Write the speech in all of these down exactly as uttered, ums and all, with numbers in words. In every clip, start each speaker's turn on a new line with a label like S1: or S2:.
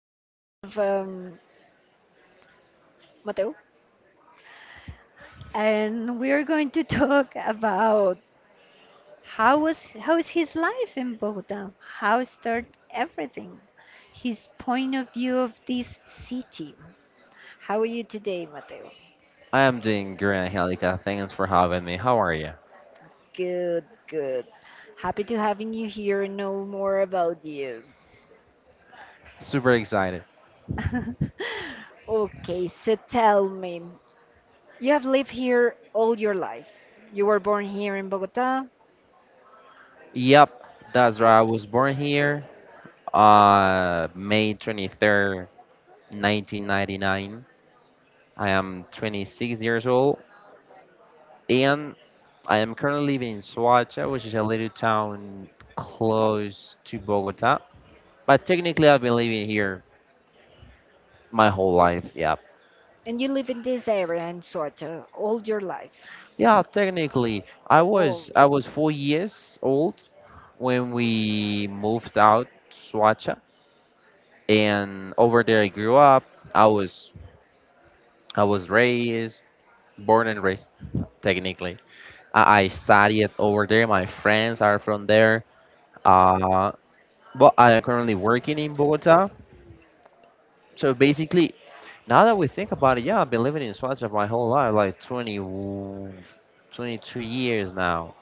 S1: have um, Mateo, and we are going to talk about how was how is his life in Bogota? How started everything? His point of view of this city. How are you today, Mateo?
S2: I am doing great, Angelica. Thanks for having me. How are you?
S1: Good, good. Happy to having you here and know more about you.
S2: Super excited.
S1: Okay, so tell me, you have lived here all your life. You were born here in Bogota,
S2: Yep, that's right. I was born here uh May twenty-third, nineteen ninety-nine. I am twenty-six years old and I am currently living in Soacha, which is a little town close to Bogota. But technically, I've been living here my whole life. Yep.
S1: and you live in this area in Soto all your life.
S2: Yeah, technically, I
S1: Oh.
S2: was I was four years old when we moved out to Swacha, and over there I grew up. I was I was raised, born and raised, technically. I, I studied over there. My friends are from there. Uh, but I am currently working in Bogota. So basically, now that we think about it, yeah, I've been living in Swacha my whole life, like twenty, twenty-two years now.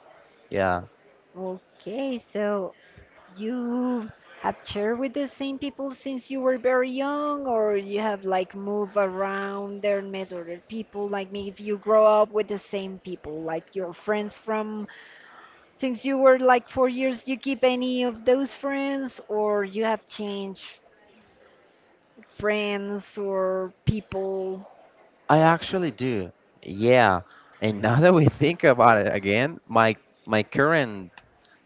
S2: Yeah.
S1: Okay, so you have shared with the same people since you were very young, or you have like moved around there and met other people? Like maybe if you grow up with the same people, like your friends from since you were like four years, you keep any of those friends, or you have changed friends or people?
S2: I actually do. Yeah. And now that we think about it again, my my current,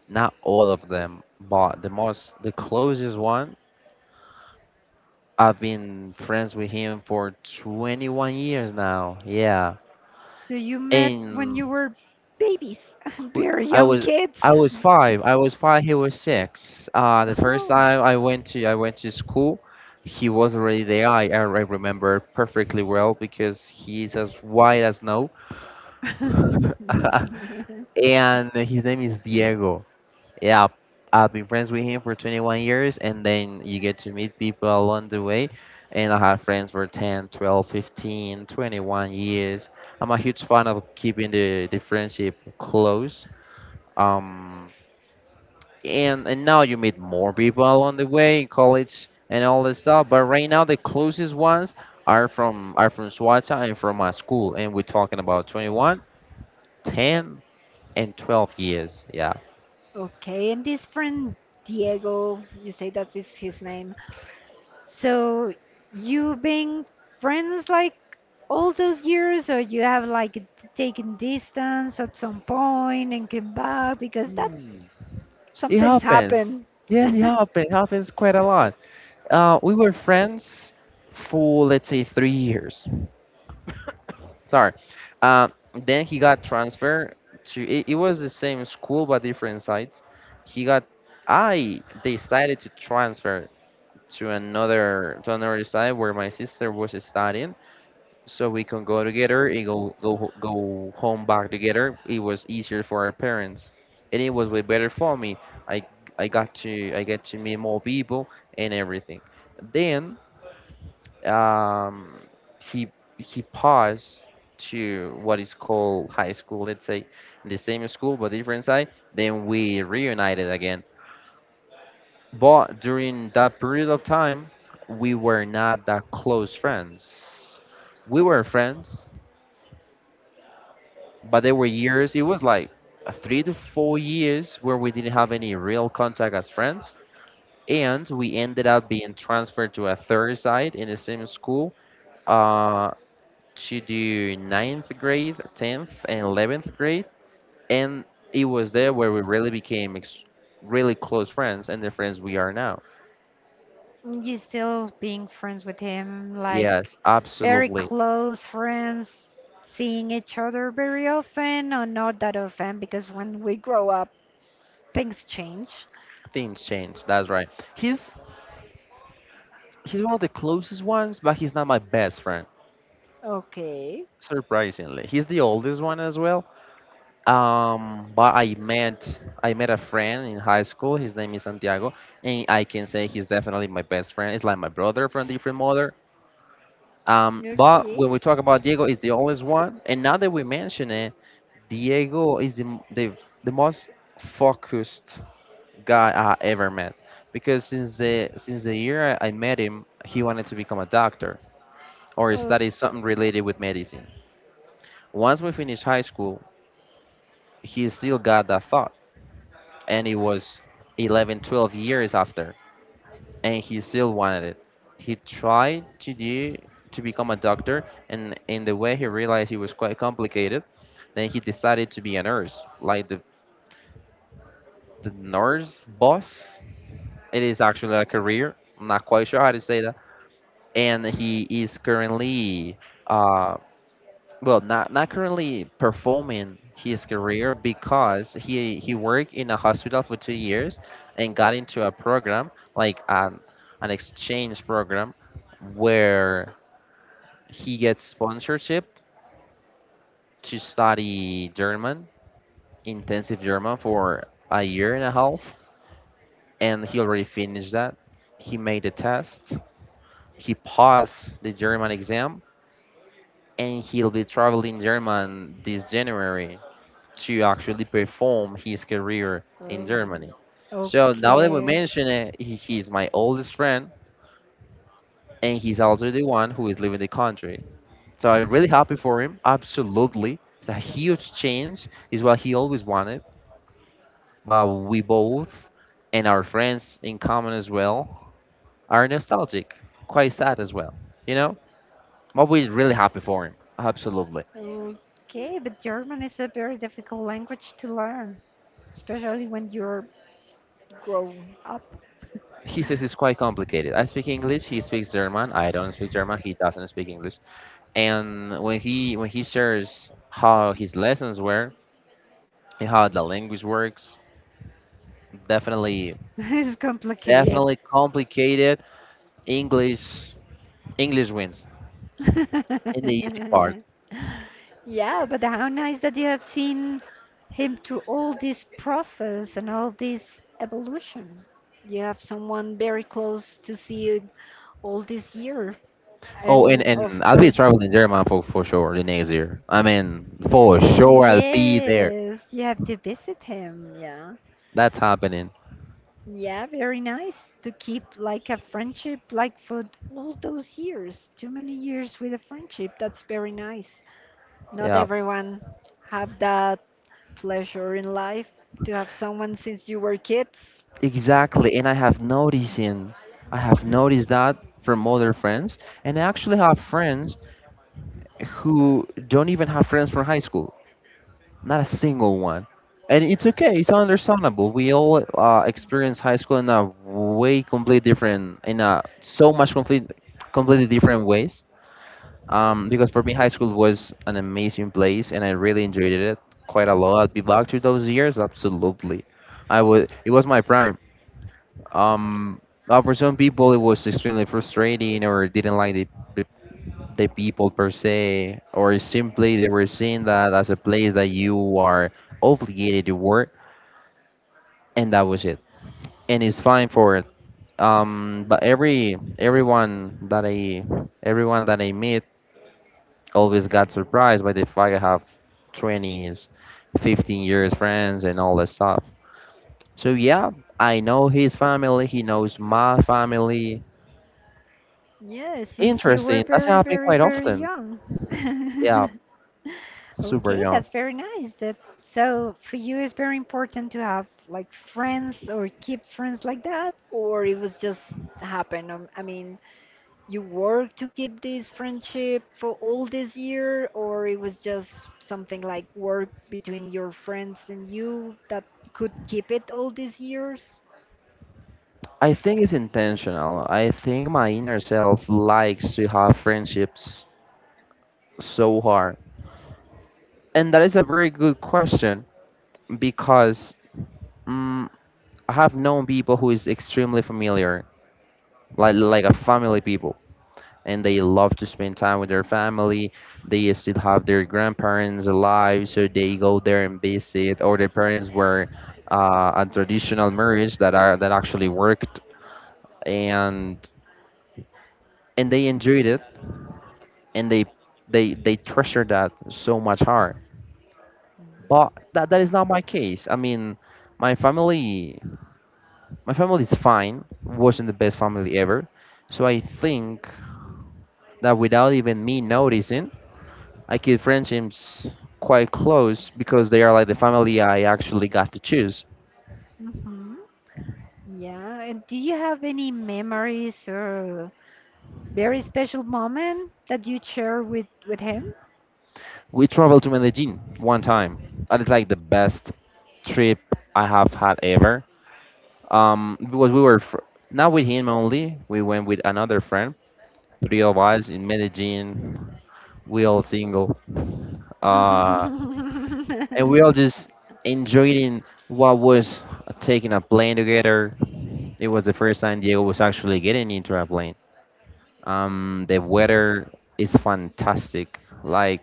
S2: not all of them, but the most the closest one, I've been friends with him for twenty-one years now. Yeah.
S1: So you met when you
S2: And
S1: were babies,
S2: w-
S1: very
S2: I
S1: young
S2: was
S1: kids.
S2: I was five. I was five, he was six. Uh the first
S1: Oh.
S2: time I went to I went to school, he was already there. I I I remember perfectly well because he's as white as snow. And his name is Diego. Yeah, I've been friends with him for twenty-one years, and then you get to meet people along the way. And I have friends for ten, twelve, fifteen, twenty-one years. I'm a huge fan of keeping the, the friendship close. Um, and, and now you meet more people along the way in college and all this stuff. But right now, the closest ones are from are from Swata and from my school. And we're talking about twenty-one, ten, and twelve years. Yeah.
S1: Okay, and this friend Diego, you say that is his name. So you been friends like all those years, or you have like d- taken distance at some point and came back because that
S2: It
S1: sometimes
S2: happens.
S1: happen.
S2: Yes, it happens. It happens quite a lot. Uh, we were friends for, let's say, three years. Sorry. Uh, then he got transferred to. It, it was the same school but different sites. He got. I decided to transfer to another to another side where my sister was studying, so we can go together and go go ho- go home back together. It was easier for our parents, and it was way better for me. I I got to I get to meet more people and everything. Then um, he he passed to what is called high school. Let's say the same school but different side. Then we reunited again. But during that period of time, we were not that close friends. We were friends, but there were years it was like, uh, three to four years where we didn't have any real contact as friends, and we ended up being transferred to a third side in the same school, uh, to do ninth grade, tenth and eleventh grade. And it was there where we really became ex- really close friends, and the friends we are now.
S1: You still being friends with him, like
S2: Yes,
S1: very
S2: absolutely.
S1: close friends, seeing each other very often, or not that often, because when we grow up, things change.
S2: Things change, that's right. He's he's one of the closest ones, but he's not my best friend.
S1: Okay.
S2: Surprisingly, he's the oldest one as well. Um, but I met I met a friend in high school. His name is Santiago, and I can say he's definitely my best friend. It's like my brother from different mother. Um, but when we
S1: Okay.
S2: talk about Diego, is the oldest one. And now that we mention it, Diego is the m- the, the most focused guy I ever met. Because since the since the year I I met him, he wanted to become a doctor or
S1: Oh.
S2: study something related with medicine. Once we finished high school, he still got that thought, and it was eleven, twelve years after, and he still wanted it. He tried to do to become a doctor, and in the way he realized it was quite complicated. Then he decided to be a nurse, like the, the nurse boss. It is actually a career. I'm not quite sure how to say that. And he is currently, uh, well, not not currently performing his career, because he he worked in a hospital for two years and got into a program, like an an exchange program, where he gets sponsorship to study German, intensive German, for a year and a half. And he already finished that. He made the test. He passed the German exam, and he'll be traveling German this January to actually perform his career in
S1: Oh.
S2: Germany. So now that we
S1: okay.
S2: mention it, he, he's my oldest friend, and he's also the one who is leaving the country. So I'm really happy for him. Absolutely, it's a huge change. It's what he always wanted. But we both, and our friends in common as well, are nostalgic, quite sad as well. You know, but we're really happy for him. Absolutely.
S1: Okay. Okay, but German is a very difficult language to learn, especially when you're grown up.
S2: He says it's quite complicated. I speak English. He speaks German. I don't speak German. He doesn't speak English. And when he when he shares how his lessons were and how the language works, definitely,
S1: It's complicated.
S2: definitely complicated. English english wins in the easy part.
S1: Yeah, but how nice that you have seen him through all this process and all this evolution. You have someone very close to see all this year.
S2: Oh, and
S1: And
S2: and
S1: of
S2: I'll be
S1: course,
S2: traveling german, for for sure, the next year. I mean, for sure I'll be there.
S1: yes, you have to visit him. Yeah.
S2: That's happening.
S1: Yeah, very nice to keep like a friendship like for all those years. Too many years with a friendship. That's very nice. Not
S2: Yeah,
S1: everyone have that pleasure in life to have someone since you were kids?
S2: exactly. And i have noticed in I have noticed that from other friends. And I actually have friends who don't even have friends from high school. Not a single one. And it's okay. It's understandable. We all, uh, experience high school in a way completely different, in a so much complete, completely different ways. Um, because for me, high school was an amazing place, and I really enjoyed it quite a lot. I'd be back to those years, absolutely. I would. It was my prime. Um, uh, for some people, it was extremely frustrating, or didn't like it, the people per se, or simply they were seeing that as a place that you are obligated to work, and that was it. And it's fine for it. Um, but every everyone that I everyone that I meet always got surprised by the fact I have twenties, fifteen years friends and all that stuff. So yeah, I know his family. He knows my family.
S1: Yeah, since you were
S2: Interesting. Doesn't
S1: very,
S2: happen
S1: very,
S2: quite
S1: very
S2: often.
S1: young.
S2: Yeah, super
S1: Okay,
S2: young.
S1: that's very nice. That so for you it's very important to have like friends or keep friends like that, or it was just happen. Um, I mean, you work to keep this friendship for all this year, or it was just something like work between your friends and you that could keep it all these years.
S2: I think it's intentional. I think my inner self likes to have friendships so hard. And that is a very good question, because mm I have known people who is extremely familiar, like like a family people, and they love to spend time with their family. They still have their grandparents alive, so they go there and visit, or their parents were, uh, a traditional marriage that are that actually worked, and and they enjoyed it, and they they they treasure that so much hard. But that, that is not my case. I mean, my family my family is fine, wasn't the best family ever. So I think that, without even me noticing, I keep friendships quite close, because they are like the family I actually got to choose.
S1: Mm-hmm. Yeah, and do you have any memories or very special moment that you share with with him?
S2: We traveled to medellin one time. That is like the best trip I have had ever, um because we were fr- not with him only, we went with another friend, three of us in Medellin. We all single, uh, and we all just enjoying what was, taking a plane together. It was the first time Diego was actually getting into a plane. Um, the weather is fantastic. Like,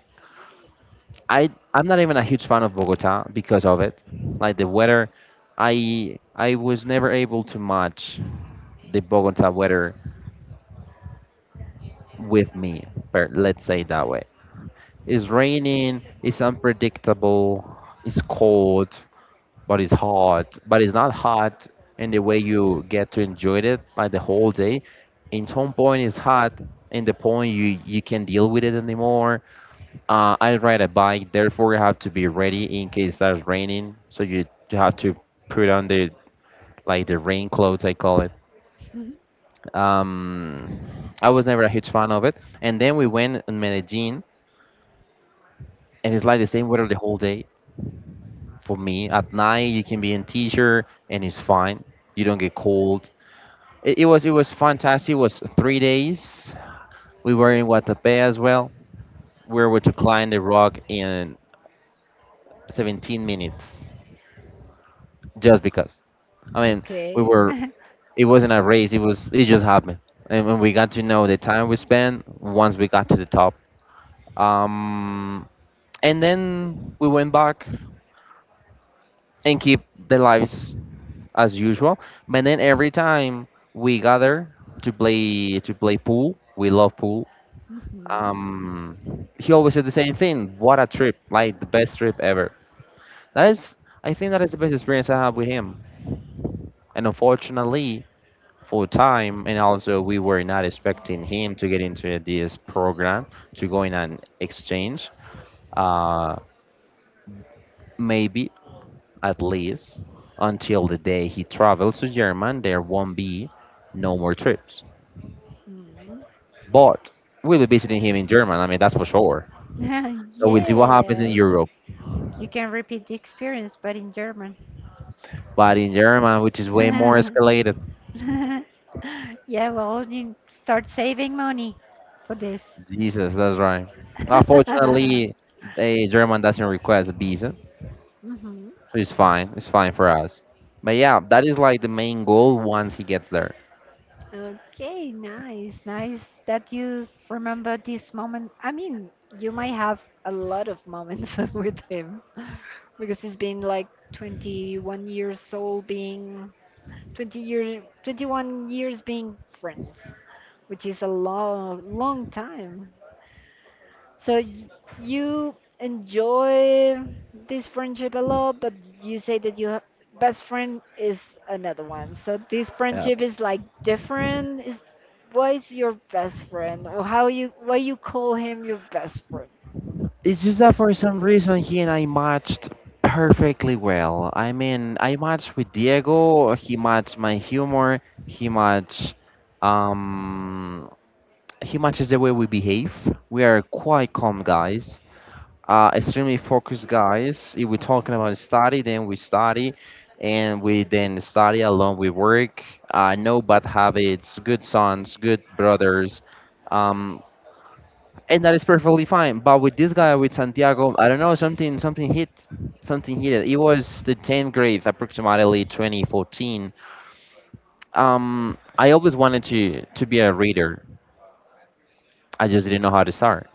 S2: I, I'm not even a huge fan of Bogota because of it. Like the weather, I, I was never able to match the Bogota weather with me. But let's say it that way. It's raining, it's unpredictable, it's cold, but it's hot. But it's not hot in the way you get to enjoy it like the whole day. In some point it's hot, in the point you you can't deal with it anymore. Uh, I ride a bike, therefore you have to be ready in case it starts raining. So you, you have to put on the like the rain clothes, I call it. Um, I was never a huge fan of it. And then we went in Medellin, and it's like the same weather the whole day. For me, at night you can be in t-shirt and it's fine. You don't get cold. It, it was it was fantastic. It was three days. We were in Guatapé as well. We were able to climb the rock in seventeen minutes, just because, I mean, we
S1: Okay.
S2: were it wasn't a race. It was it just happened. And when we got to know the time we spent once we got to the top, um and then we went back, and keep the lives as usual. But then every time we gather to play to play pool, we love pool.
S1: Mhm.
S2: Um, he always said the same thing. What a trip! Like the best trip ever. That is, I think that is the best experience I have with him. And unfortunately, for time, and also we were not expecting him to get into this program, to go in an exchange. Uh, maybe at least until the day he travels to Germany, there won't be no more trips.
S1: Mm.
S2: But we'll be visiting him in Germany. I mean, that's for sure. So we'll see what happens in
S1: Yes.
S2: Europe.
S1: You can repeat the experience, but in German.
S2: But in Germany, which is way more escalated,
S1: Yeah, well, you start saving money for this.
S2: Jesus, that's right. Unfortunately, the German doesn't request a visa,
S1: Hmm.
S2: so it's fine. It's fine for us. But yeah, that is like the main goal once he gets there.
S1: Okay, nice, nice that you remember this moment. I mean, you might have a lot of moments with him because he's been like twenty-one years old, being twenty years, twenty-one years being friends, which is a long, long time. So y- you enjoy this friendship a lot, but you say that your best friend is another one. So this
S2: Yeah.
S1: friendship is like different. Is why is your best friend, or how you why you call him your best friend?
S2: It's just that for some reason he and I matched perfectly well. I mean, I matched with Diego. He matched my humor. He matched um He matches the way we behave. We are quite calm guys, uh, extremely focused guys. If we're talking about study, then we study, and we then study along. We work. Uh, no bad habits. Good sons. Good brothers. Um, and that is perfectly fine. But with this guy, with Santiago, I don't know. Something something hit. Something hit. It was the tenth grade, approximately twenty fourteen. Um, I always wanted to to be a reader. I just didn't know how to start.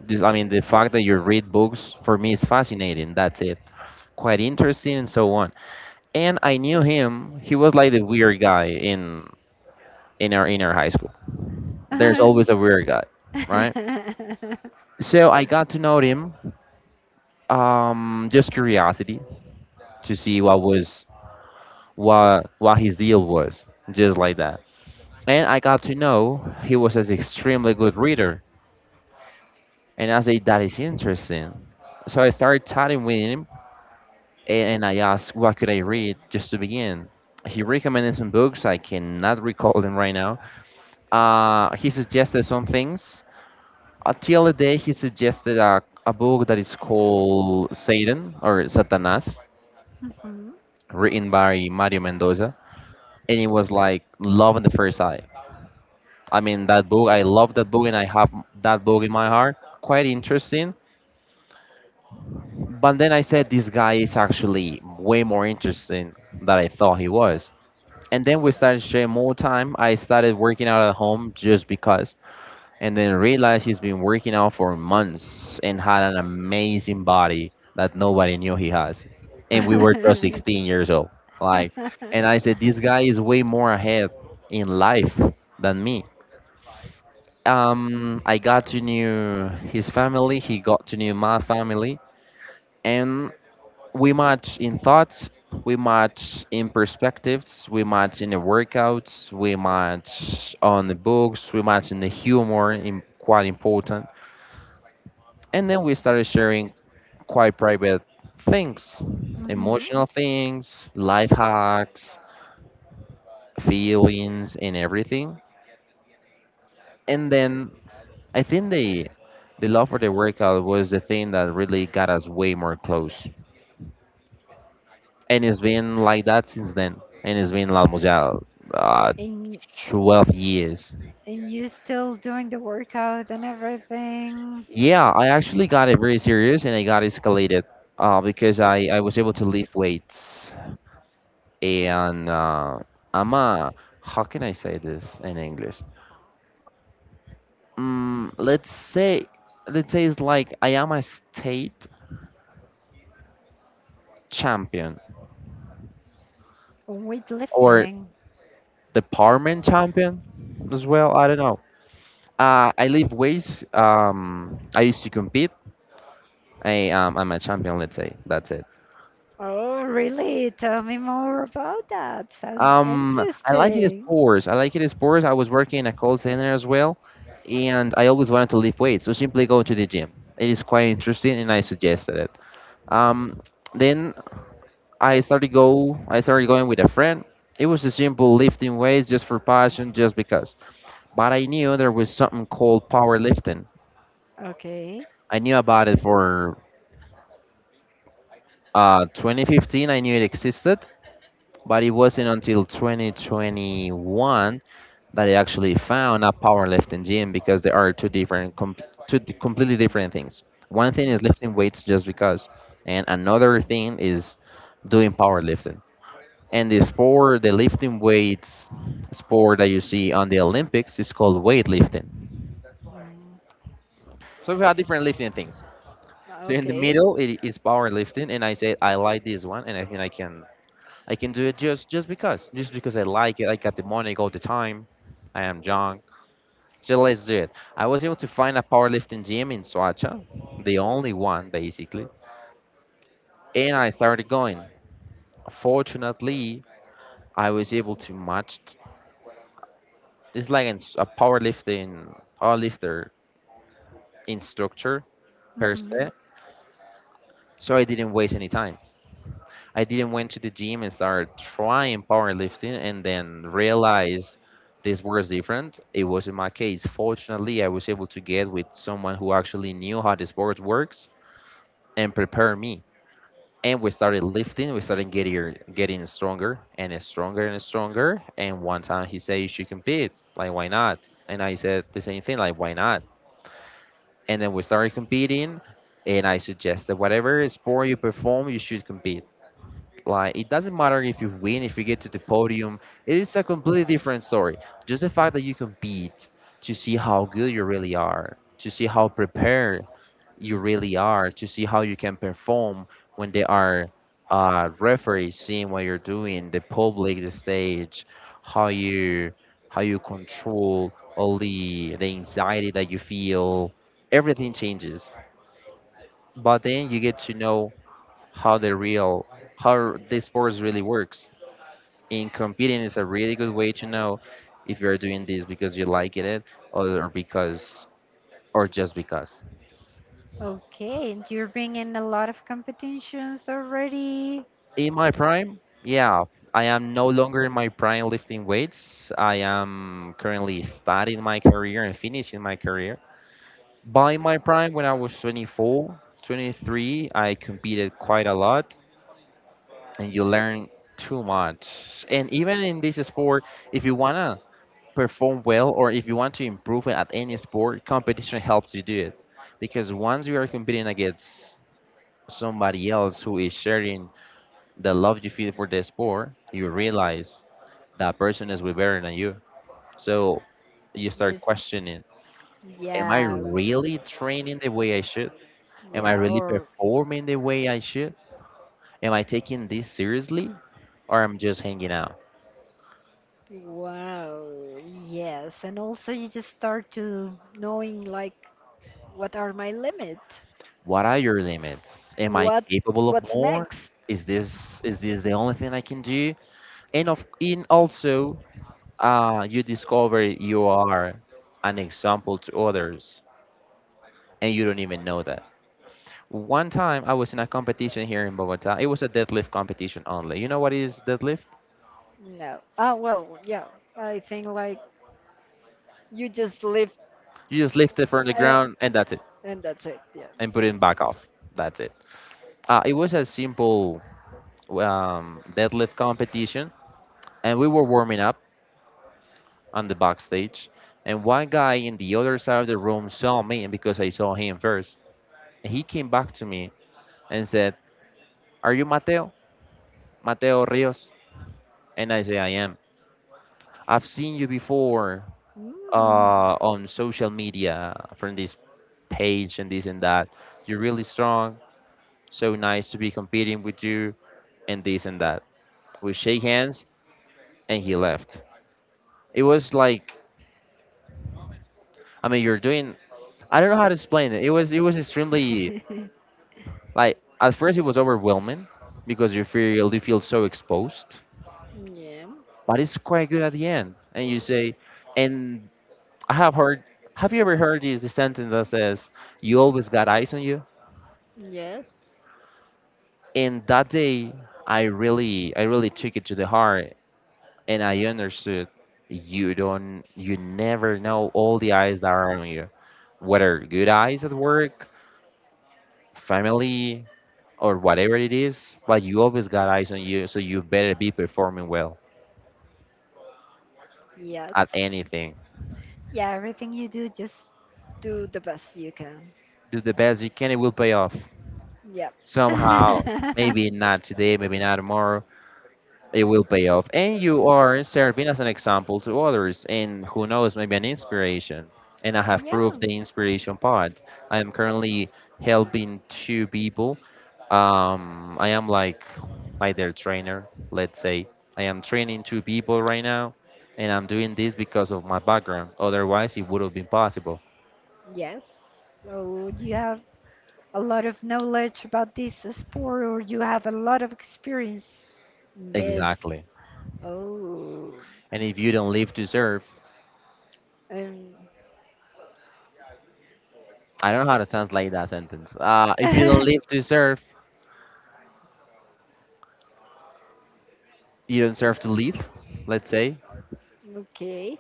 S2: This, I mean, the fact that you read books for me is fascinating. That's it. Quite interesting and so on. And I knew him. He was like the weird guy in in our in our high school. There's always a weird guy, right? So I got to know him, um, just curiosity to see what was what what his deal was, just like that. And I got to know he was an extremely good reader. And I say that is interesting. So I started chatting with him and I asked what could I read just to begin. He recommended some books. I cannot recall them right now. Uh, he suggested some things. Until the day he suggested a, a book that is called Satan or Satanas, written by Mario Mendoza, and it was like love on the first sight. I mean that book. I love that book, and I have that book in my heart. Quite interesting. But then I said this guy is actually way more interesting than I thought he was. And then we started sharing more time. I started working out at home just because, and then realized he's been working out for months and had an amazing body that nobody knew he has. And we were just
S1: Mhm.
S2: sixteen years old. Like, and I said, this guy is way more ahead in life than me. Um, I got to know his family. He got to know my family, and we match in thoughts, we match in perspectives, we match in the workouts, we match on the books, we match in the humor, in, quite important. And then we started sharing quite private things,
S1: Mm-hmm.
S2: emotional things, life hacks, feelings, and everything. And then I think the the love for the workout was the thing that really got us way more close. And it's been like that since then and it's been like, almost yeah, uh,
S1: And
S2: twelve years.
S1: and you still doing the workout and everything?
S2: Yeah, I actually got it very serious and I got escalated, uh, because I, I was able to lift weights and uh, I'm a, how can I say this in English? Mm, let's say let's say it's like I am a state champion or
S1: Weightlifting.
S2: department champion as well, I don't know. Uh, i lift weights. Um, i used to compete. I um I'm a champion, let's say. That's it.
S1: Oh, really? Tell me more about that. Sounds
S2: Um I like it as
S1: interesting.
S2: sports. I like it as sports. I was working in a call center as well and I always wanted to lift weights, so simply go to the gym. It is quite interesting and I suggested it. Um then I started go I started going with a friend. It was a simple lifting weights just for passion, just because. But I knew there was something called powerlifting.
S1: Okay.
S2: I knew about it for uh twenty fifteen, I knew it existed, but it wasn't until twenty twenty-one that I actually found a powerlifting gym because they are two different, com- two d- completely different things. One thing is
S1: Mhm.
S2: lifting weights just because, and another thing is doing powerlifting. And the sport, the lifting weights sport that you see on the Olympics is called weightlifting. So we have different lifting things. So in the
S1: Okay.
S2: middle it is powerlifting, and I said I like this one, and I think I can I can do it just just because just because I like it. I got the money all the time. I am young. So let's do it. I was able to find a powerlifting gym in Soacha, the only one basically, and I started going. Fortunately, I was able to match. It's like an s- a powerlifting powerlifter instructor per
S1: Mhm.
S2: se, so I didn't waste any time. I didn't went to the gym and started trying powerlifting, and then realize this was different. It wasn't my case. Fortunately, I was able to get with someone who actually knew how the sport works and prepare me and we started lifting. We started getting getting stronger and stronger and stronger. And one time he said, "You should compete. Like, why not?" And I said the same thing, like, "Why not?" And then we started competing. And I suggested whatever sport you perform, you should compete. Like it doesn't matter if you win, if you get to the podium, it is a completely different story. Just the fact that you compete to see how good you really are, to see how prepared you really are, to see how you can perform when there are uh, referees seeing what you're doing, the public, the stage, how you how you control all the the anxiety that you feel, everything changes. But then you get to know how the real how the sports really works in competing is a really good way to know if you're doing this because you like it eh, or because or just because.
S1: Okay, and you're bringing a lot of competitions already.
S2: In my prime, yeah, I am no longer in my prime lifting weights. I am currently starting my career and finishing my career. By my prime, when I was twenty-four, twenty-three, I competed quite a lot and you learn too much. And even in this sport, if you wanna perform well or if you want to improve at any sport, competition helps you do it. Because once you are competing against somebody else who is sharing the love you feel for the sport, you realize that person is way better than you. So you start
S1: Yes.
S2: questioning, am I
S1: Yeah.
S2: really training the way I should? Am I
S1: Yeah.
S2: really
S1: Or
S2: performing the way I should? Am I taking this seriously? Or I'm just hanging out?
S1: wow. Yes. And also you just start to knowing like what are my limits?
S2: What are your limits? Am I
S1: What
S2: capable of
S1: what's
S2: more?
S1: next?
S2: Is this is this the only thing I can do? And of in also, uh, you discover you are an example to others, and you don't even know that. One time I was in a competition here in Bogota. It was a deadlift competition only. You know what is deadlift?
S1: No. Oh, well, yeah. I think like you just lift,
S2: You just lift it from the
S1: uh,
S2: ground and that's it,
S1: and that's it. Yeah.
S2: and put it back off. That's it. Uh, it was a simple um, deadlift competition, and we were warming up on the backstage, and one guy in the other side of the room saw me and because I saw him first. He came back to me and said, "Are you Mateo? Mateo Rios?" And I say, "I am. I've seen you before
S1: Mm.
S2: uh, on social media from this page and this and that. You're really strong. So nice to be competing with you and this and that." We shake hands, and he left. It was like, I mean, you're doing. I don't know how to explain it. It was it was extremely. Like at first it was overwhelming because you feel you feel so exposed,
S1: Yeah.
S2: but it's quite good at the end. And you say, and I have heard. Have you ever heard this sentence that says, "You always got eyes on you"?
S1: Yes.
S2: And that day, I really, I really took it to the heart, and I understood you don't, you never know all the eyes that are on you, whether good eyes at work, family, or whatever it is. But you always got eyes on you, so you better be performing well
S1: Yes.
S2: at anything.
S1: Yeah, everything you do, just do the best you can.
S2: Do the best you can, it will pay off.
S1: Yeah.
S2: Somehow, maybe not today, maybe not tomorrow, it will pay off. And you are serving as an example to others, and who knows, maybe an inspiration. And I have
S1: Yeah.
S2: proved the inspiration part. I am currently helping two people. Um, I am like like their trainer, let's say. I am training two people right now, and I'm doing this because of my background. Otherwise, it would have been possible.
S1: Yes. So you have a lot of knowledge about this sport, or you have a lot of experience in This
S2: Exactly.
S1: Oh,
S2: And if you don't live to serve,
S1: um,
S2: I don't know how to translate that sentence. Uh, if you don't live to serve, you don't serve to live, let's say.
S1: okay.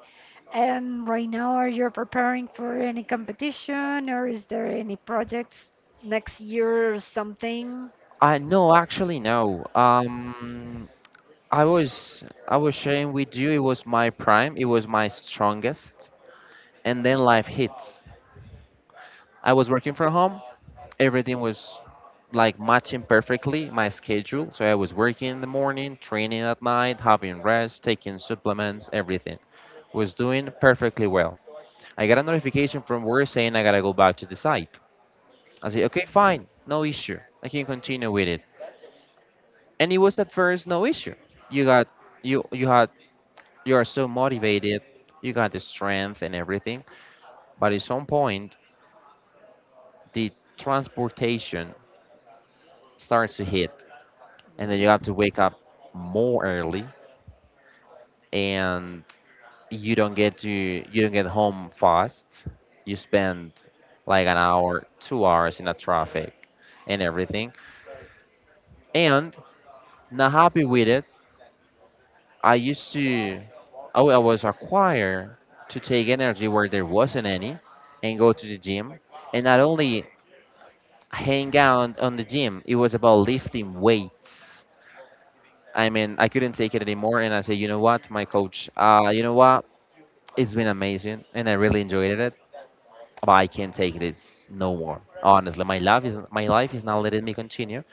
S1: And right now, are you preparing for any competition, or is there any projects next year or something?
S2: I no, actually no. Um, I was I was sharing with you. It was my prime. It was my strongest. And then life hits. I was working from home. Everything was like matching perfectly my schedule. So I was working in the morning, training at night, having rest, taking supplements, everything was doing perfectly well. I got a notification from work saying I gotta go back to the site. I say, okay, fine, no issue. I can continue with it. And it was at first no issue. You got you you had you are so motivated, you got the strength and everything. But at some point the transportation starts to hit, and then you have to
S1: Mm.
S2: wake up more early, and you don't get to you don't get home fast. You spend like an hour, two hours in the traffic and everything. And not happy with it, I used to, I wa- I was required to take energy where there wasn't any and go to the gym. And not only hang out on the gym, it was about lifting weights. I mean, I couldn't take it anymore. And I said, you know what, my coach, uh, you know what? It's been amazing and I really enjoyed it. But I can't take this no more. Honestly, my life is my life is not letting me continue.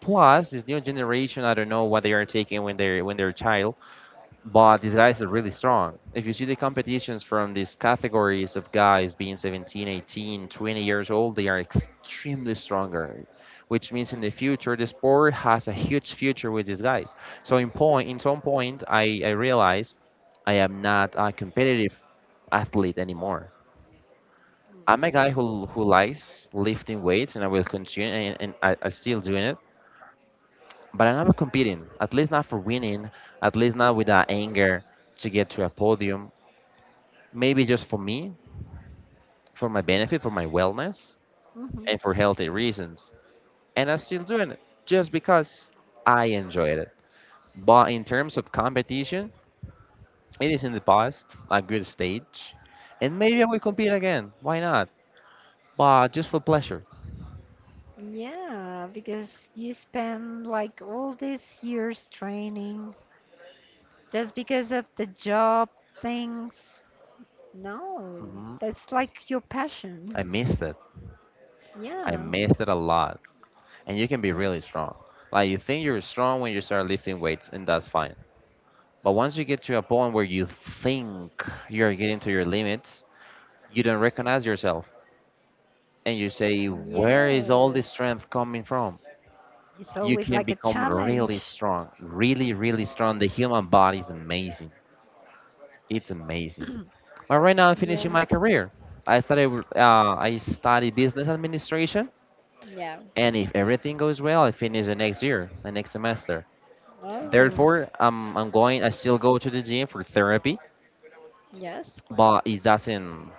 S2: Plus, this new generation, I don't know what they are taking when they're when they're child. But these guys are really strong. If you see the competitions from these categories of guys being seventeen, eighteen, twenty years old, they are extremely stronger, which means in the future the sport has a huge future with these guys. So in point, in some point, I I realized I am not a competitive athlete anymore. I'm a guy who who likes lifting weights, and I will continue, and, and I, I still doing it. But I'm not competing, at least not for winning, at least not with that anger to get to a podium. Maybe just for me, for my benefit, for my wellness,
S1: Mhm.
S2: and for healthy reasons. And I'm still doing it just because I enjoyed it. But in terms of competition, it is in the past a good stage, and maybe I will compete again. Why not? But just for pleasure.
S1: Yeah, because you spend like all these years training just because of the job things. No,
S2: hmm
S1: that's like your passion.
S2: I missed it. I
S1: Yeah,
S2: missed it a lot. And you can be really strong. Like you think you're strong when you start lifting weights, and that's fine. But once you get to a point where you think you're getting to your limits, you don't recognize yourself and you say, where is all
S1: yes.
S2: this strength coming from?
S1: It's
S2: You
S1: always
S2: can
S1: like a
S2: become really
S1: challenge.
S2: strong, really, really strong. The human body is amazing. It's amazing. But right now, I'm finishing
S1: Yeah,
S2: my career. I started, uh, I studied business administration,
S1: yeah.
S2: and if everything goes well, I finish the next year, the next semester.
S1: Oh,
S2: Therefore, I'm, I'm going. I still go to the gym for therapy,
S1: yes.
S2: but it doesn't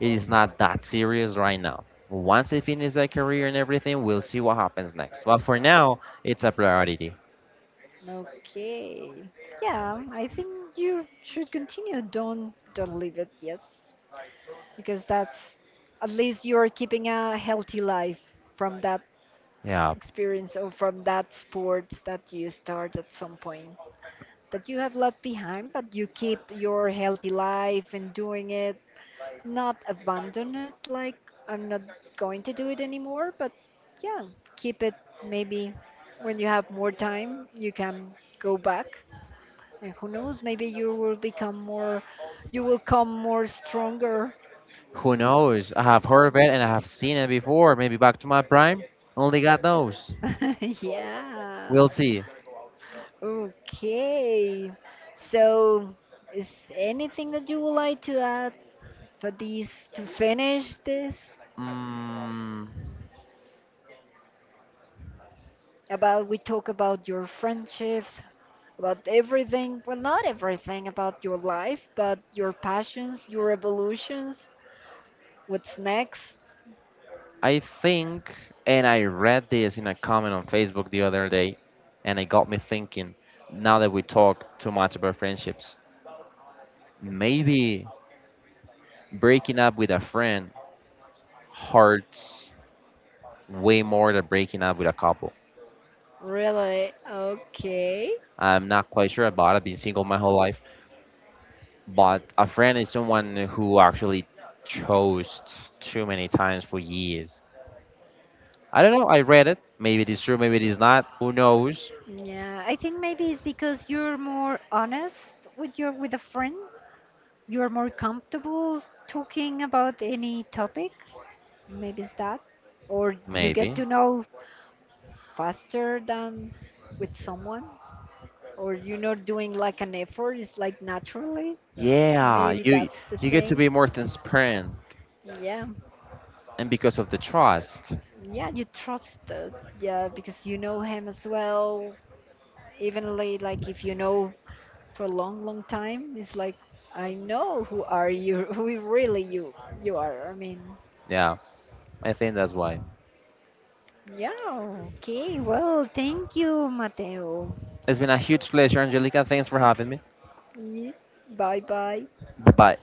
S2: it is not that serious right now. Once I finish that career and everything, we'll see what happens next. But for now, it's a priority.
S1: Okay. Yeah, I think you should continue. Don't don't leave it. Yes, because that's at least you are keeping a healthy life from that
S2: Yeah.
S1: experience or from that sports that you start at some point that you have left behind, but you keep your healthy life and doing it not abandon it like I'm not going to do it anymore, but yeah, keep it maybe when you have more time, you can go back and who knows, maybe you will become more you will come more stronger.
S2: Who knows? I have heard of it and I have seen it before. Maybe back to my prime. Only God knows.
S1: Yeah.
S2: We'll see.
S1: Okay. So is anything that you would like to add for this to finish this?
S2: Mm,
S1: About we talk about your friendships, about everything, well, not everything about your life, but your passions, your evolutions, what's next.
S2: I think, and I read this in a comment on Facebook the other day, and it got me thinking. Now that we talk too much about friendships, maybe breaking up with a friend hurts way more than breaking up with a couple.
S1: Really? Okay.
S2: I'm not quite sure about it. I've been single my whole life, but a friend is someone who actually chose too many times for years. I don't know. I read it. Maybe it is true. Maybe it is not. Who knows?
S1: Yeah, I think maybe it's because you're more honest with your with a friend. You're more comfortable talking about any topic. Maybe it's that. Or you get
S2: Maybe.
S1: to know faster than with someone, or you're not doing like an effort, it's like naturally.
S2: Yeah,
S1: Maybe
S2: you
S1: that's the
S2: you get to be
S1: thing.
S2: more transparent,
S1: Yeah.
S2: and because of the trust.
S1: Yeah, you trust, uh, yeah, because you know him as well. Evenly, like if you know for a long, long time, it's like I know who are you, who really you you are. I mean,
S2: Yeah, I think that's why.
S1: yeah. Okay, well, thank you, Mateo.
S2: It's been a huge pleasure, Angelica. Thanks for having me.
S1: Ye- Bye bye.
S2: Bye bye.